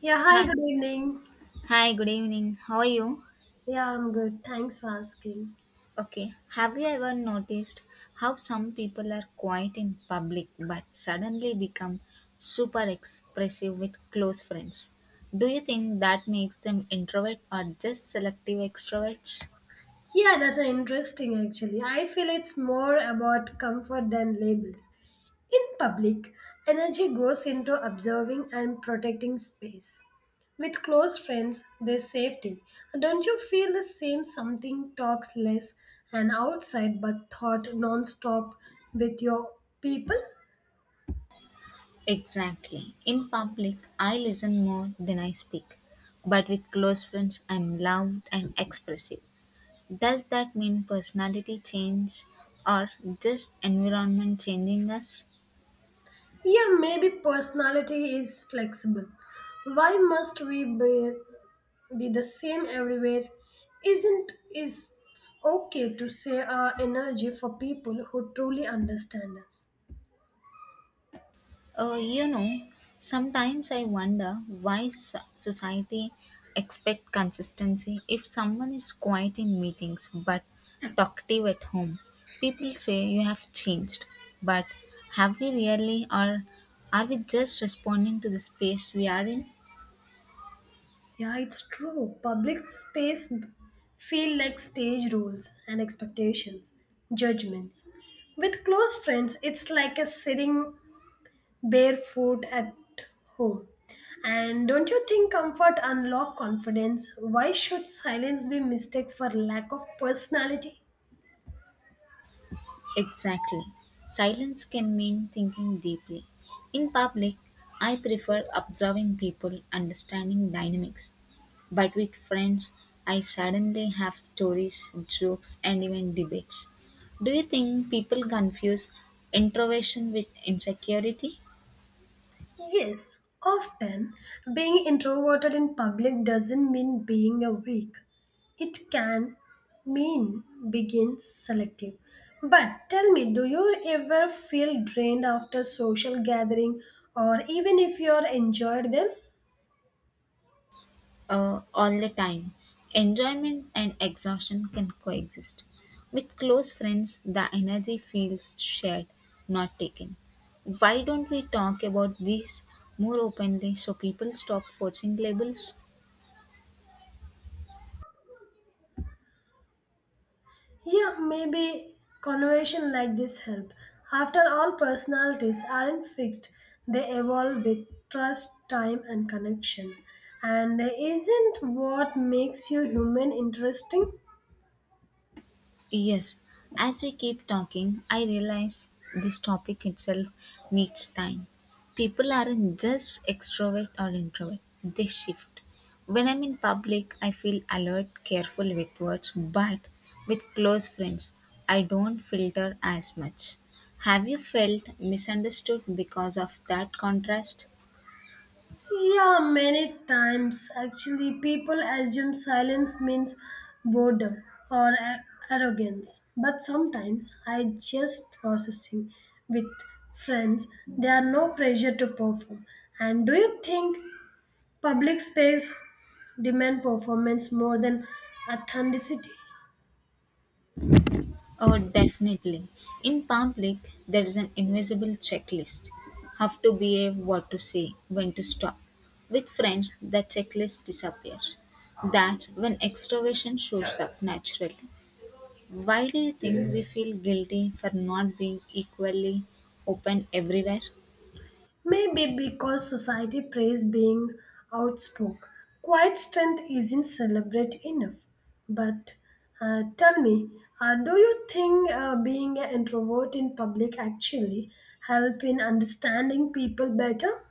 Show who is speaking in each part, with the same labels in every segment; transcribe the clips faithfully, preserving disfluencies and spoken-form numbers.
Speaker 1: Yeah, hi,
Speaker 2: Hi.
Speaker 1: good evening.
Speaker 2: Hi, good evening. How are you?
Speaker 1: Yeah, I'm good. Thanks for asking.
Speaker 2: Okay. Have you ever noticed how some people are quiet in public but suddenly become super expressive with close friends? Do you think that makes them introvert or just selective extroverts?
Speaker 1: Yeah, that's uh, interesting actually. I feel it's more about comfort than labels. In public, energy goes into observing and protecting space. With close friends, there's safety. Don't you feel the same something talks less and outside but thought non-stop with your people?
Speaker 2: Exactly. In public, I listen more than I speak. But with close friends, I'm loud and expressive. Does that mean personality change or just environment changing us?
Speaker 1: Yeah, maybe personality is flexible. Why must we be be the same everywhere isn't is it's okay to say our energy for people who truly understand us.
Speaker 2: Uh, you know, sometimes I wonder why so- society expect consistency. If someone is quiet in meetings but talkative at home, people say you have changed. But have we really, or are we just responding to the space we are in?
Speaker 1: Yeah, it's true. Public space feel like stage rules and expectations, judgments. With close friends it's like a sitting barefoot at home. And don't you think comfort unlock confidence? Why should silence be mistake for lack of personality?
Speaker 2: Exactly. Silence can mean thinking deeply. In public, I prefer observing people, understanding dynamics, but with friends, I suddenly have stories, jokes, and even debates. Do you think people confuse introversion with insecurity?
Speaker 1: Yes, often being introverted in public doesn't mean being a weak. It can mean being selective. But tell me, do you ever feel drained after social gathering or even if you are enjoyed them?
Speaker 2: Uh, all the time, enjoyment and exhaustion can coexist. With close friends, the energy feels shared, not taken. Why don't we talk about this more openly so people stop forcing labels?
Speaker 1: Yeah, maybe conversation like this help. After all, personalities aren't fixed. They evolve with trust, time and connection. And isn't what makes you human interesting?
Speaker 2: Yes, as we keep talking, I realize this topic itself needs time. People aren't just extrovert or introvert, they shift. When I'm in public, I feel alert, careful with words, but with close friends, I don't filter as much. Have you felt misunderstood because of that contrast?
Speaker 1: Yeah, many times actually people assume silence means boredom or a- arrogance. But sometimes I just processing with friends. There are no pressure to perform. And do you think public space demand performance more than authenticity?
Speaker 2: Oh, definitely. In public, there is an invisible checklist. Have to behave, what to say, when to stop. With friends, the checklist disappears. That's when extroversion shows up naturally. Why do you think we feel guilty for not being equally open everywhere?
Speaker 1: Maybe because society praise being outspoken. Quiet strength isn't celebrated enough. But uh, tell me, uh, do you think uh, being an introvert in public actually help in understanding people better?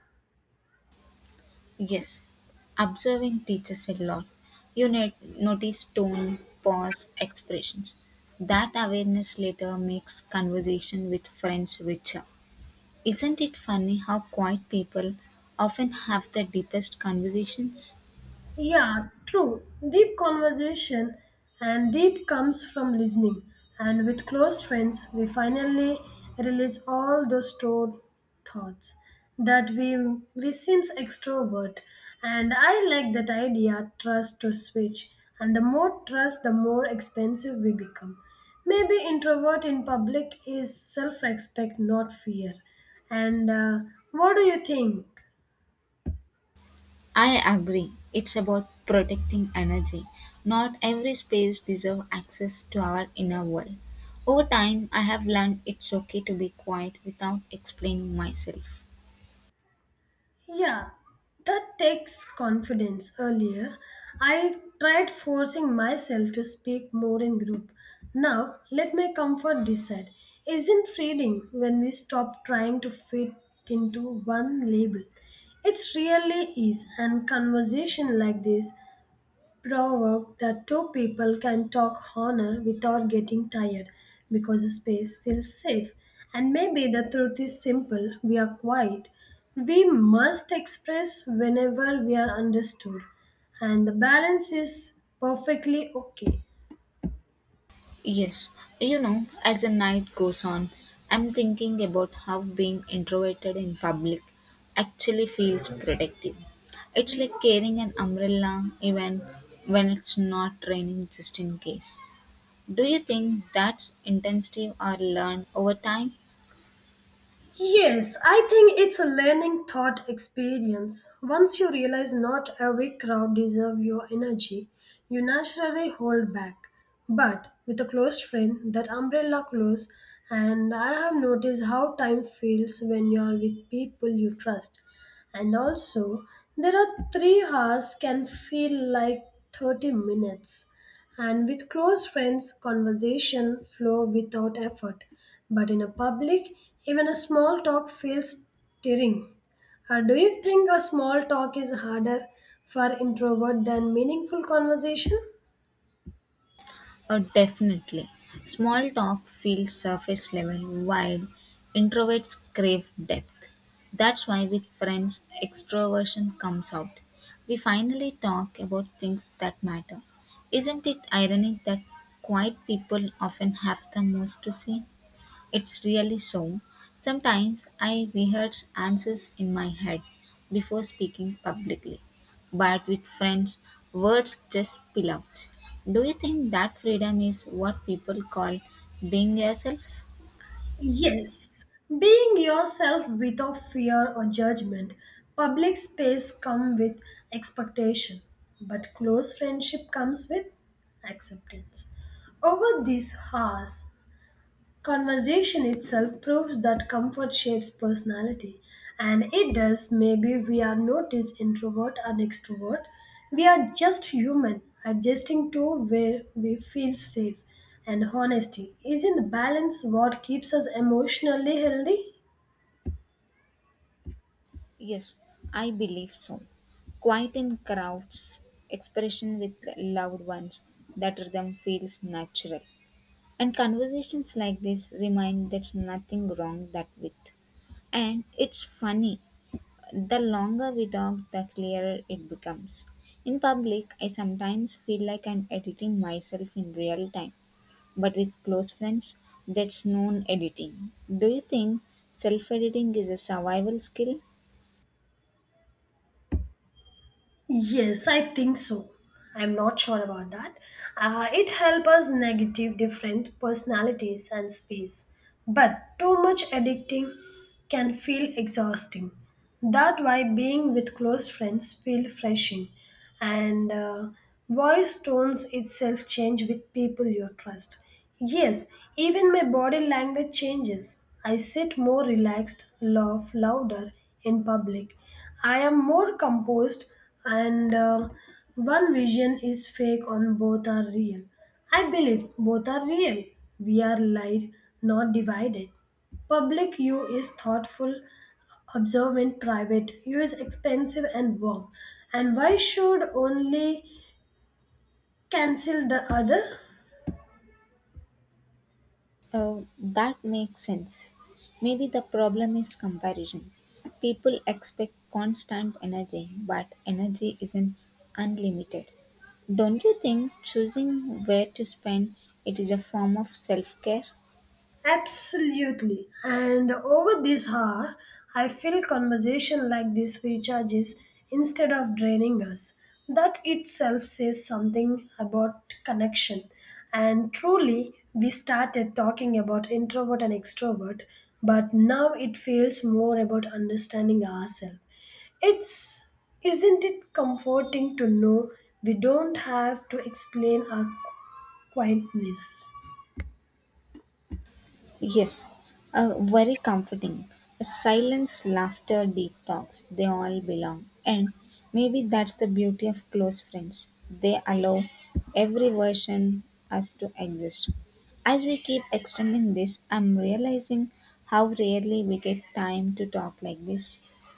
Speaker 2: Yes, observing teaches a lot. You need, notice tone, pause, expressions. That awareness later makes conversation with friends richer. Isn't it funny how quiet people often have the deepest conversations?
Speaker 1: Yeah, true. Deep conversation and deep comes from listening. And with close friends, we finally release all those stored thoughts that we we seems extrovert. And I like that idea, trust to switch. And the more trust, the more expensive we become. Maybe introvert in public is self-respect, not fear. And uh, what do you think?
Speaker 2: I agree. It's about protecting energy. Not every space deserves access to our inner world. Over time, I have learned it's okay to be quiet without explaining myself.
Speaker 1: Yeah, that takes confidence. Earlier, I tried forcing myself to speak more in group. Now, let my comfort decide. Isn't freeing when we stop trying to fit into one label? It's really is, and conversation like this proverb that two people can talk honor without getting tired because the space feels safe. And maybe the truth is simple we are quiet. We must express whenever we are understood, and the balance is perfectly okay.
Speaker 2: Yes, you know, as the night goes on, I'm thinking about how being introverted in public actually feels protective. It's like carrying an umbrella even when it's not raining, just in case. Do you think that's intensive or learned over time?
Speaker 1: Yes, I think it's a learning thought experience. Once you realize not every crowd deserves your energy, you naturally hold back. But with a close friend, that umbrella close, and I have noticed how time feels when you are with people you trust. And also, there are three hours can feel like thirty minutes. And with close friends, conversation flow without effort. But in a public, even a small talk feels stirring. Uh, do you think a small talk is harder for introvert than meaningful conversation?
Speaker 2: Oh, definitely. Small talk feels surface level while introverts crave depth. That's why with friends, extroversion comes out. We finally talk about things that matter. Isn't it ironic that quiet people often have the most to say? It's really so. Sometimes I rehearse answers in my head before speaking publicly, but with friends, words just spill out. Do you think that freedom is what people call being yourself?
Speaker 1: Yes, being yourself without fear or judgment. Public space come with expectation, but close friendship comes with acceptance. Over these hours, conversation itself proves that comfort shapes personality, and it does. Maybe we are not as introvert and extrovert. We are just human, adjusting to where we feel safe. And honesty is in the balance what keeps us emotionally healthy.
Speaker 2: Yes, I believe so. Quiet in crowds, expression with loved ones, that rhythm feels natural. And conversations like this remind there's nothing wrong that with. And it's funny. The longer we talk, the clearer it becomes. In public, I sometimes feel like I'm editing myself in real time, but with close friends, that's known editing. Do you think self editing is a survival skill?
Speaker 1: Yes, I think so. I'm not sure about that. Uh, it helps us negative different personalities and space. But too much addicting can feel exhausting. That why being with close friends feel refreshing and uh, voice tones itself change with people you trust. Yes, even my body language changes. I sit more relaxed, laugh louder in public. I am more composed, and uh, one vision is fake, on both are real. I believe both are real. We are light, not divided. Public you is thoughtful, observe in private use expensive and warm. And why should only cancel the other?
Speaker 2: Oh, that makes sense. Maybe the problem is comparison. People expect constant energy, but energy isn't unlimited. Don't you think choosing where to spend it is a form of self care?
Speaker 1: Absolutely. And over this hour, I feel conversation like this recharges instead of draining us. That itself says something about connection. And truly, we started talking about introvert and extrovert, but now it feels more about understanding ourselves. It's isn't it comforting to know we don't have to explain our quietness?
Speaker 2: Yes, uh, very comforting. Silence, laughter, deep talks, they all belong. And maybe that's the beauty of close friends. They allow every version us to exist. As we keep extending this, I'm realizing how rarely we get time to talk like this.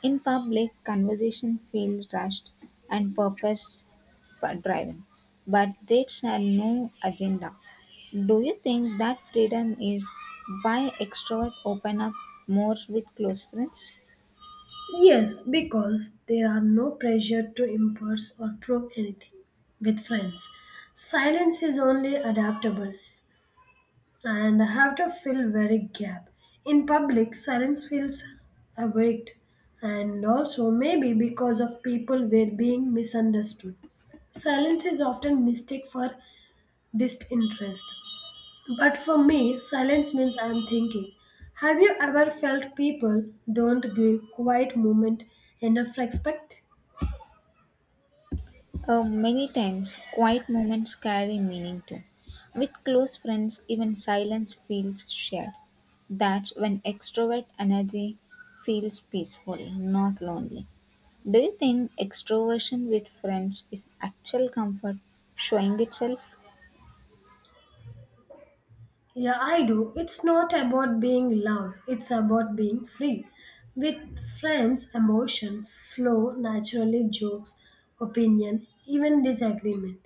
Speaker 2: In public, conversation feels rushed and purpose driven, but dates have no agenda. Do you think that freedom is why extroverts open up more with close friends?
Speaker 1: Yes, because there are no pressure to impress or prove anything with friends. Silence is only adaptable and I have to fill very gap. In public, silence feels awaked and also maybe because of people were being misunderstood. Silence is often mistaken for disinterest. But for me, silence means I am thinking. Have you ever felt people don't give quiet moment enough respect?
Speaker 2: Uh, many times, quiet moments carry meaning too. With close friends, even silence feels shared. That's when extrovert energy feels peaceful, not lonely. Do you think extroversion with friends is actual comfort showing itself?
Speaker 1: Yeah, I do. It's not about being loud, it's about being free. With friends, emotion flow naturally, jokes, opinion, even disagreement.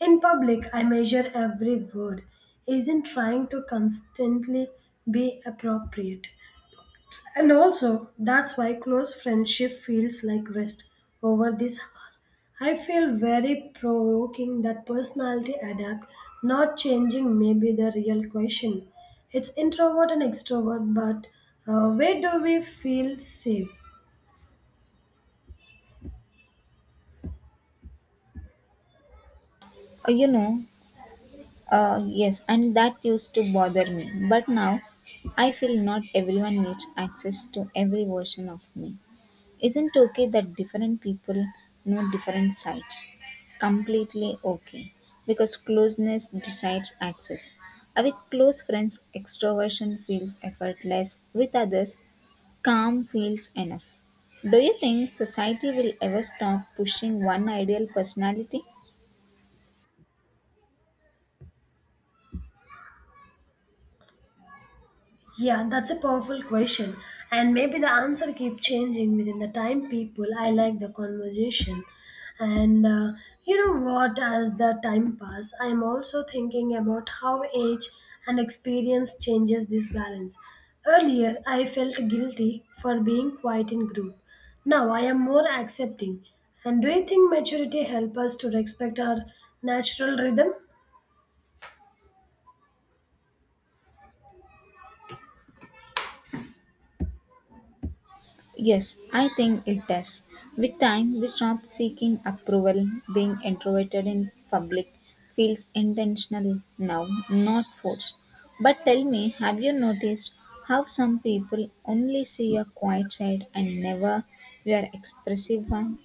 Speaker 1: In public, I measure every word, isn't trying to constantly be appropriate. And also, that's why close friendship feels like rest over this hour. I feel very provoking that personality adapt, not changing may be the real question. It's introvert and extrovert, but uh, where do we feel safe?
Speaker 2: Uh, You know, Uh, yes, and that used to bother me. But now I feel not everyone needs access to every version of me. Isn't okay that different people know different sides? Completely okay. Because closeness decides access. Uh, With close friends, extroversion feels effortless. With others, calm feels enough. Do you think society will ever stop pushing one ideal personality?
Speaker 1: Yeah, that's a powerful question. And maybe the answer keep changing within the time people. I like the conversation. And uh, you know what, as the time pass, I'm also thinking about how age and experience changes this balance. Earlier, I felt guilty for being quiet in group. Now I am more accepting. And do you think maturity help us to respect our natural rhythm?
Speaker 2: Yes, I think it does. With time, we stop seeking approval. Being introverted in public feels intentional now, not forced. But tell me, have you noticed how some people only see your quiet side and never your expressive one?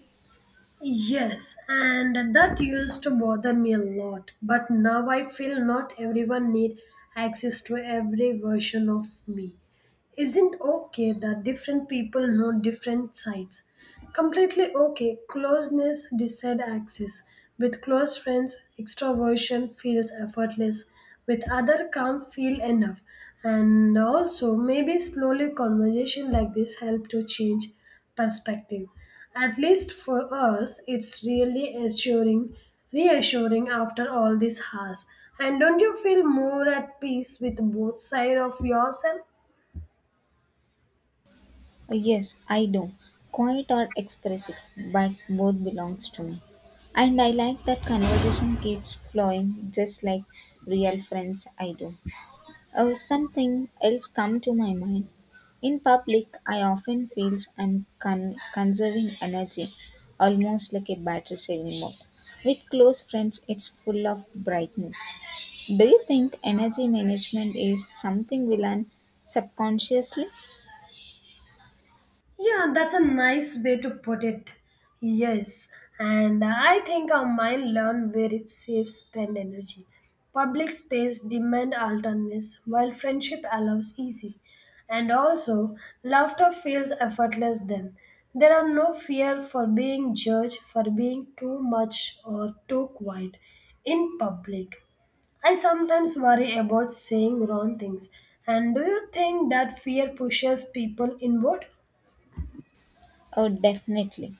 Speaker 1: Yes, and that used to bother me a lot, but now I feel not everyone need access to every version of me. Isn't okay that different people know different sides. Completely okay, closeness decide access. With close friends, extroversion feels effortless. With other can't feel enough. And also maybe slowly conversation like this help to change perspective. At least for us, it's really assuring, reassuring after all this has. And don't you feel more at peace with both sides of yourself?
Speaker 2: Yes, I do. Quiet or expressive, but both belongs to me. And I like that conversation keeps flowing just like real friends I do. Uh, something else come to my mind. In public, I often feel I'm con- conserving energy, almost like a battery saving mode. With close friends, it's full of brightness. Do you think energy management is something we learn subconsciously?
Speaker 1: Yeah, that's a nice way to put it. Yes, and I think our mind learn where it saves spend energy. Public space demand alternates, while friendship allows easy. And also, laughter feels effortless then. There are no fear for being judged for being too much or too quiet in public. I sometimes worry about saying wrong things. And do you think that fear pushes people inward?
Speaker 2: Oh, definitely.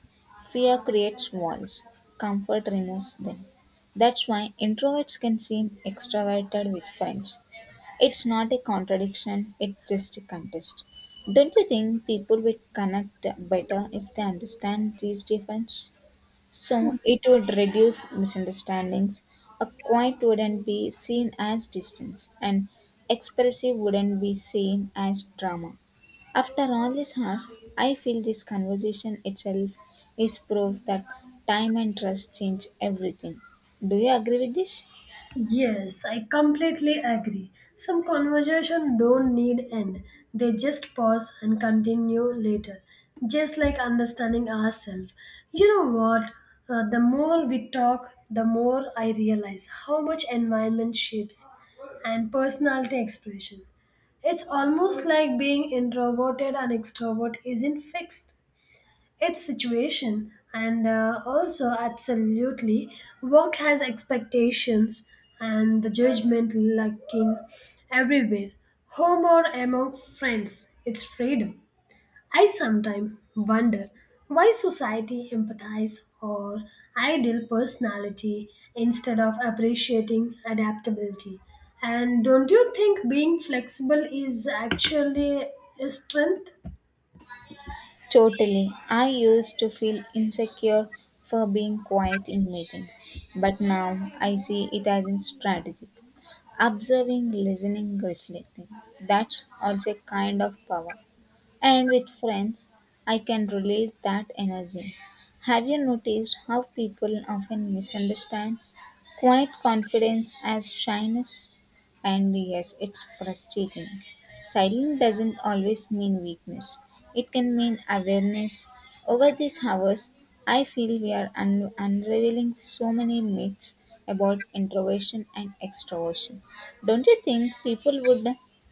Speaker 2: Fear creates walls, comfort removes them. That's why introverts can seem extroverted with friends. It's not a contradiction, it's just a contest. Don't you think people will connect better if they understand these differences? So it would reduce misunderstandings. A quiet wouldn't be seen as distance, and expressive wouldn't be seen as drama. After all these hours, I feel this conversation itself is proof that time and trust change everything. Do you agree with this?
Speaker 1: Yes, I completely agree. Some conversation don't need end. They just pause and continue later. Just like understanding ourselves. You know what? Uh, the more we talk, the more I realize how much environment shapes and personality expression. It's almost like being introverted and extrovert isn't fixed its situation and uh, also absolutely work has expectations and the judgment lacking everywhere home or among friends it's freedom. I sometimes wonder why society empathize or ideal personality instead of appreciating adaptability. And don't you think being flexible is actually a strength?
Speaker 2: Totally. I used to feel insecure for being quiet in meetings, but now I see it as a strategy. Observing, listening, reflecting. That's also a kind of power. And with friends, I can release that energy. Have you noticed how people often misunderstand quiet confidence as shyness? And yes, it's frustrating. Silence doesn't always mean weakness, it can mean awareness. Over these hours, I feel we are un- unraveling so many myths about introversion and extroversion. Don't you think people would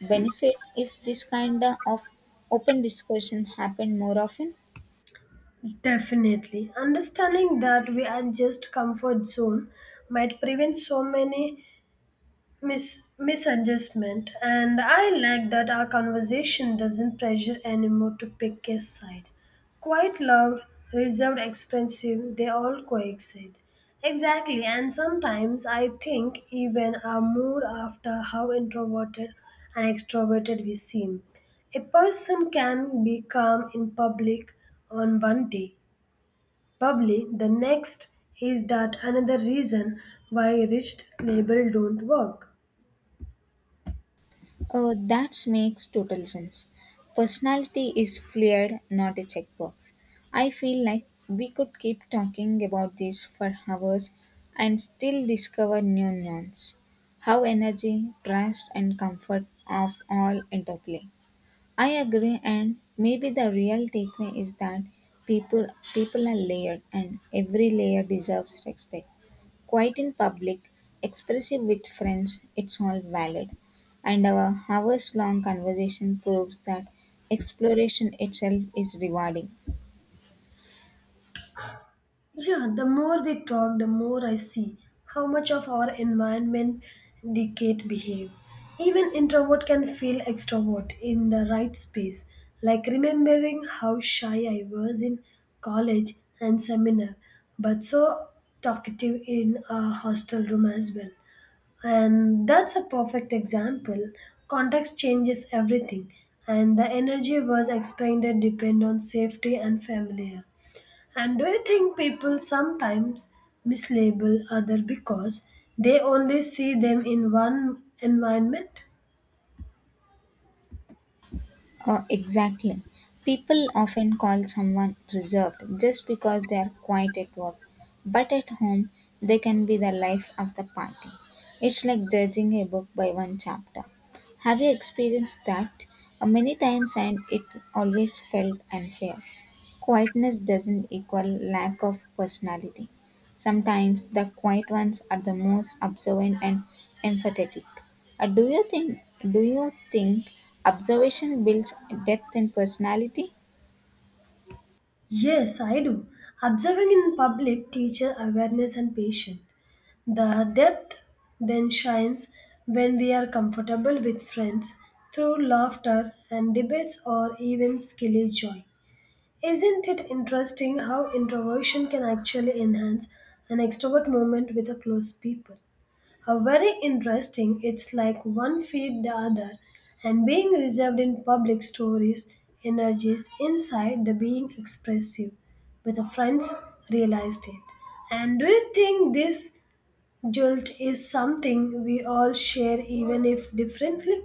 Speaker 2: benefit if this kind of open discussion happened more often?
Speaker 1: Definitely. Understanding that we are just comfort zone might prevent so many mis- misadjustment and I like that our conversation doesn't pressure anymore to pick a side. Quite loud, reserved, expensive, they all coexist. Exactly, and sometimes I think even our mood after how introverted and extroverted we seem. A person can be calm in public on one day. Probably the next is that another reason why rich labels don't work.
Speaker 2: Uh, that makes total sense. Personality is fluid, not a checkbox. I feel like we could keep talking about this for hours and still discover new nuance. How energy, trust, and comfort of all interplay. I agree, and maybe the real takeaway is that people people are layered, and every layer deserves respect. Quiet in public, expressive with friends, it's all valid. And our hours long conversation proves that exploration itself is rewarding.
Speaker 1: Yeah, the more we talk, the more I see how much of our environment dictate behave. Even introvert can feel extrovert in the right space. Like remembering how shy I was in college and seminar, but so talkative in a hostel room as well. And that's a perfect example. Context changes everything, and the energy was expended depend on safety and familiar. And do you think people sometimes mislabel other because they only see them in one environment?
Speaker 2: Uh, exactly. People often call someone reserved just because they are quiet at work, but at home they can be the life of the party. It's like judging a book by one chapter. Have you experienced that? Uh, many times, and it always felt unfair. Quietness doesn't equal lack of personality. Sometimes the quiet ones are the most observant and empathetic. Uh, do you think do you think observation builds depth in personality?
Speaker 1: Yes, I do. Observing in public teaches awareness and patience. The depth then shines when we are comfortable with friends through laughter and debates or even silly joy. Isn't it interesting how introversion can actually enhance an extrovert moment with a close people? How very interesting. It's like one feed the other, and being reserved in public stories energies inside the being expressive with the friends realized it. And do you think this jolt is something we all share even if differently?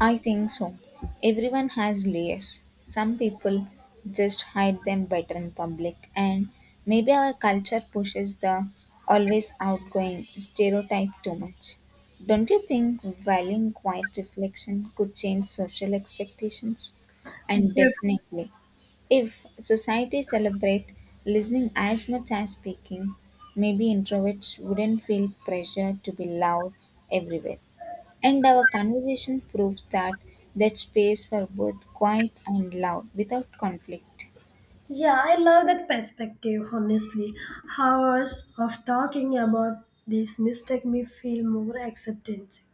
Speaker 2: I think so. Everyone has layers. Some people just hide them better in public, and maybe our culture pushes the always outgoing stereotype too much. Don't you think valuing quiet reflection could change social expectations? And
Speaker 1: Dif-
Speaker 2: definitely, if society celebrate listening as much as speaking, maybe introverts wouldn't feel pressure to be loud everywhere. And our conversation proves that that space for both quiet and loud without conflict.
Speaker 1: Yeah, I love that perspective, honestly. Hours of talking about this mistake me feel more acceptance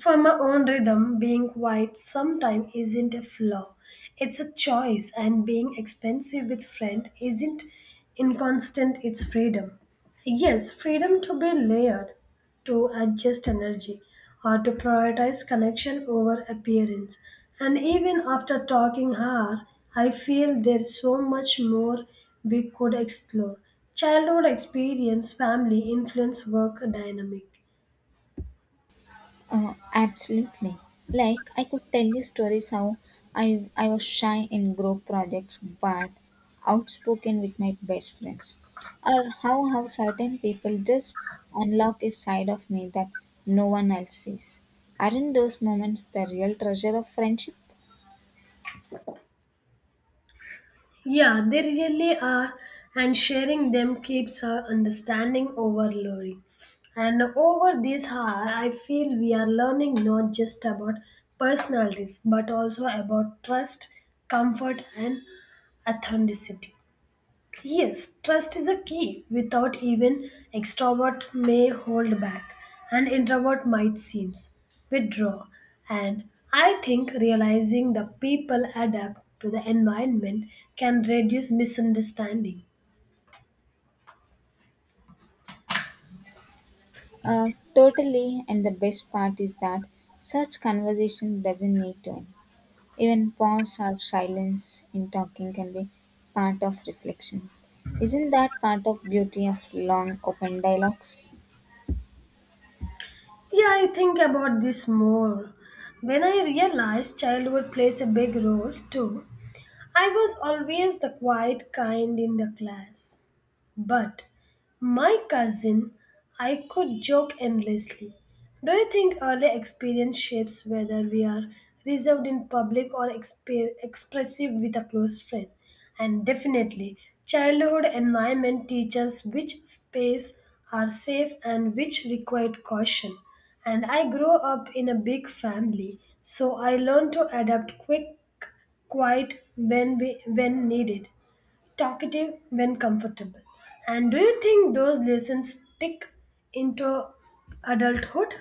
Speaker 1: for my own rhythm, being quiet sometimes isn't a flaw. It's a choice, and being expensive with friend isn't inconstant, it's freedom. Yes, freedom to be layered, to adjust energy, or to prioritize connection over appearance. And even after talking hard, I feel there's so much more we could explore. Childhood experience, family, influence, work dynamic.
Speaker 2: Uh, absolutely. Like I could tell you stories how I I was shy in group projects but outspoken with my best friends. Or how how certain people just unlock a side of me that no one else sees. Aren't those moments the real treasure of friendship?
Speaker 1: Yeah, they really are, and sharing them keeps our understanding overloading. And over this hour, I feel we are learning not just about personalities but also about trust, comfort, and authenticity. Yes, trust is a key. Without even extrovert may hold back, and introvert might seems withdraw. And I think realizing the people adapt to the environment can reduce misunderstanding.
Speaker 2: Uh, totally, and the best part is that such conversation doesn't need to end. Even pause or silence in talking can be part of reflection. Isn't that part of beauty of long open dialogues?
Speaker 1: Yeah, I think about this more. When I realized childhood plays a big role too, I was always the quiet kind in the class. But my cousin, I could joke endlessly. Do you think early experience shapes whether we are reserved in public or expe- expressive with a close friend? And definitely, childhood environment teaches which space are safe and which require caution. And I grew up in a big family, so I learned to adapt quick quiet when we, when needed, talkative when comfortable. And do you think those lessons stick into adulthood?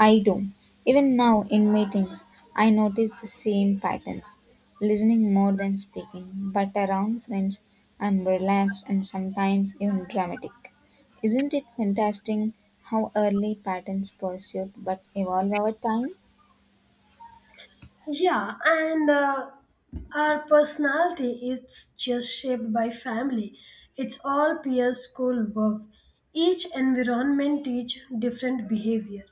Speaker 2: I do. Even now in meetings, I notice the same patterns. Listening more than speaking, but around friends, I'm relaxed and sometimes even dramatic. Isn't it fantastic how early patterns persist but evolve over time?
Speaker 1: Yeah, and uh, our personality is just shaped by family. It's all peer school work. Each environment teach different behavior.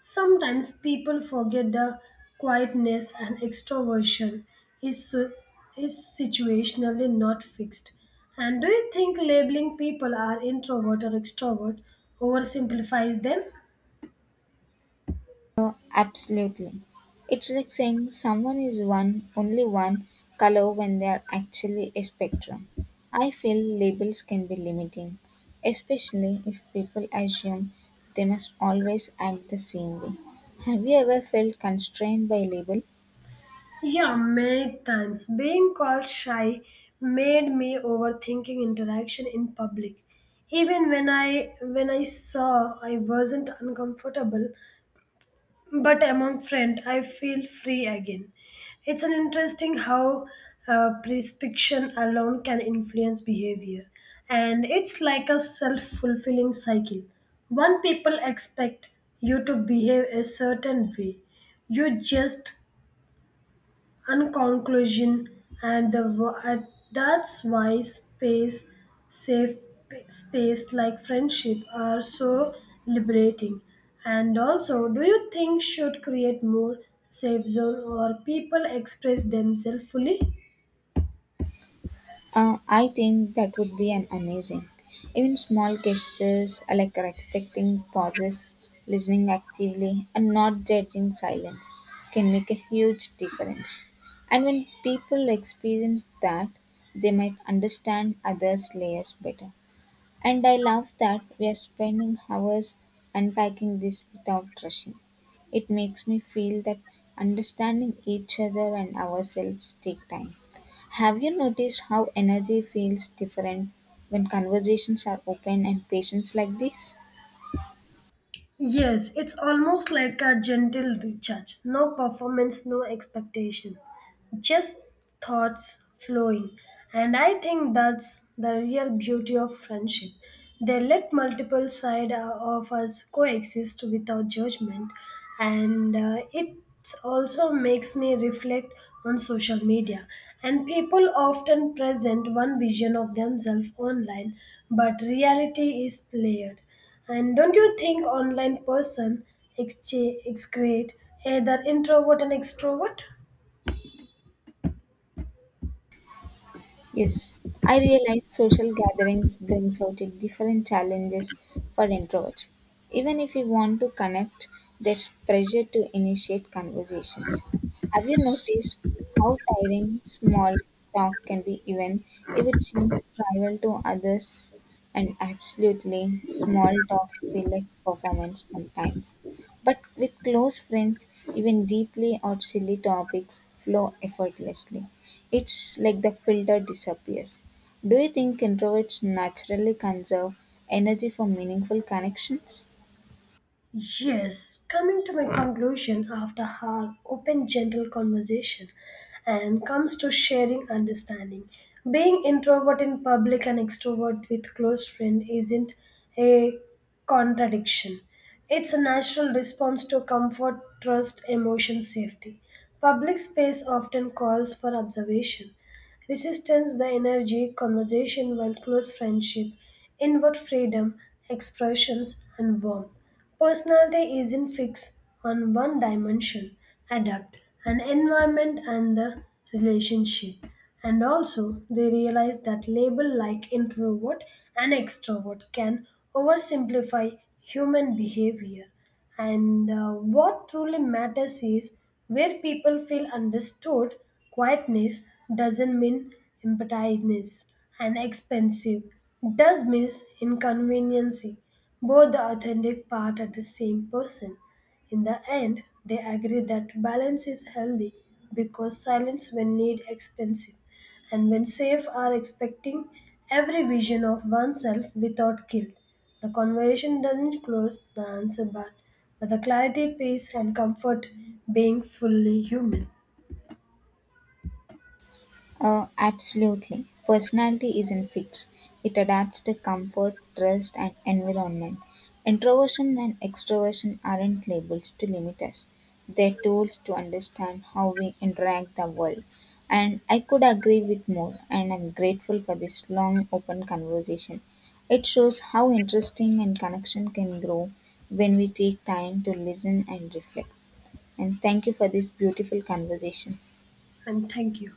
Speaker 1: Sometimes people forget the quietness and extroversion is su- is situationally not fixed. And do you think labeling people are introvert or extrovert oversimplifies them?
Speaker 2: Oh, absolutely. It's like saying someone is one, only one color when they are actually a spectrum. I feel labels can be limiting, especially if people assume they must always act the same way. Have you ever felt constrained by a label?
Speaker 1: Yeah, many times. Being called shy made me overthinking interaction in public. Even when I when I saw I wasn't uncomfortable, but among friends I feel free again. It's an interesting how uh, prescription alone can influence behavior, and it's like a self-fulfilling cycle. One people expect you to behave a certain way, you just and conclusion and the wo- and that's why space safe p- space like friendship are so liberating. And also do you think should create more safe zone or people express themselves fully?
Speaker 2: Uh, I think that would be an amazing. Even small gestures uh, like respecting pauses, listening actively, and not judging silence can make a huge difference. And when people experience that, they might understand others' layers better. And I love that we are spending hours unpacking this without rushing. It makes me feel that understanding each other and ourselves take time. Have you noticed how energy feels different when conversations are open and patients like this?
Speaker 1: Yes, it's almost like a gentle recharge. No performance, no expectation, just thoughts flowing. And I think that's the real beauty of friendship. They let multiple sides of us coexist without judgment, and uh, it also makes me reflect on social media. And people often present one vision of themselves online, but reality is layered. And don't you think online person exchange excrete either introvert and extrovert?
Speaker 2: Yes, I realize social gatherings brings out a different challenges for introverts. Even if you want to connect, there's pressure to initiate conversations. Have you noticed how tiring small talk can be even if it seems trivial to others and absolutely small talk feel like performance sometimes. But with close friends, even deeply or silly topics flow effortlessly. It's like the filter disappears. Do you think introverts naturally conserve energy for meaningful connections?
Speaker 1: Yes, coming to my conclusion after our open, gentle conversation and comes to sharing understanding. Being introvert in public and extrovert with close friend isn't a contradiction. It's a natural response to comfort, trust, emotion, safety. Public space often calls for observation, resistance, the energy, conversation while close friendship, inward freedom, expressions, and warmth. Personality isn't fixed on one dimension, adapt an environment and the relationship. And also, they realize that label like introvert and extrovert can oversimplify human behavior. And uh, what truly matters is where people feel understood, quietness doesn't mean emptiness and expensive. Does mean inconveniency, both the authentic part of the same person. In the end, they agree that balance is healthy because silence when need expensive and when safe are expecting every vision of oneself without guilt. The conversation doesn't close the answer but, but the clarity, peace and comfort being fully human.
Speaker 2: Uh, absolutely. Personality isn't fixed, it adapts to comfort, trust, and environment. Introversion and extroversion aren't labels to limit us, they're tools to understand how we interact the world. And I could agree with more, and I'm grateful for this long, open conversation. It shows how interesting and connection can grow when we take time to listen and reflect. And thank you for this beautiful conversation.
Speaker 1: And thank you.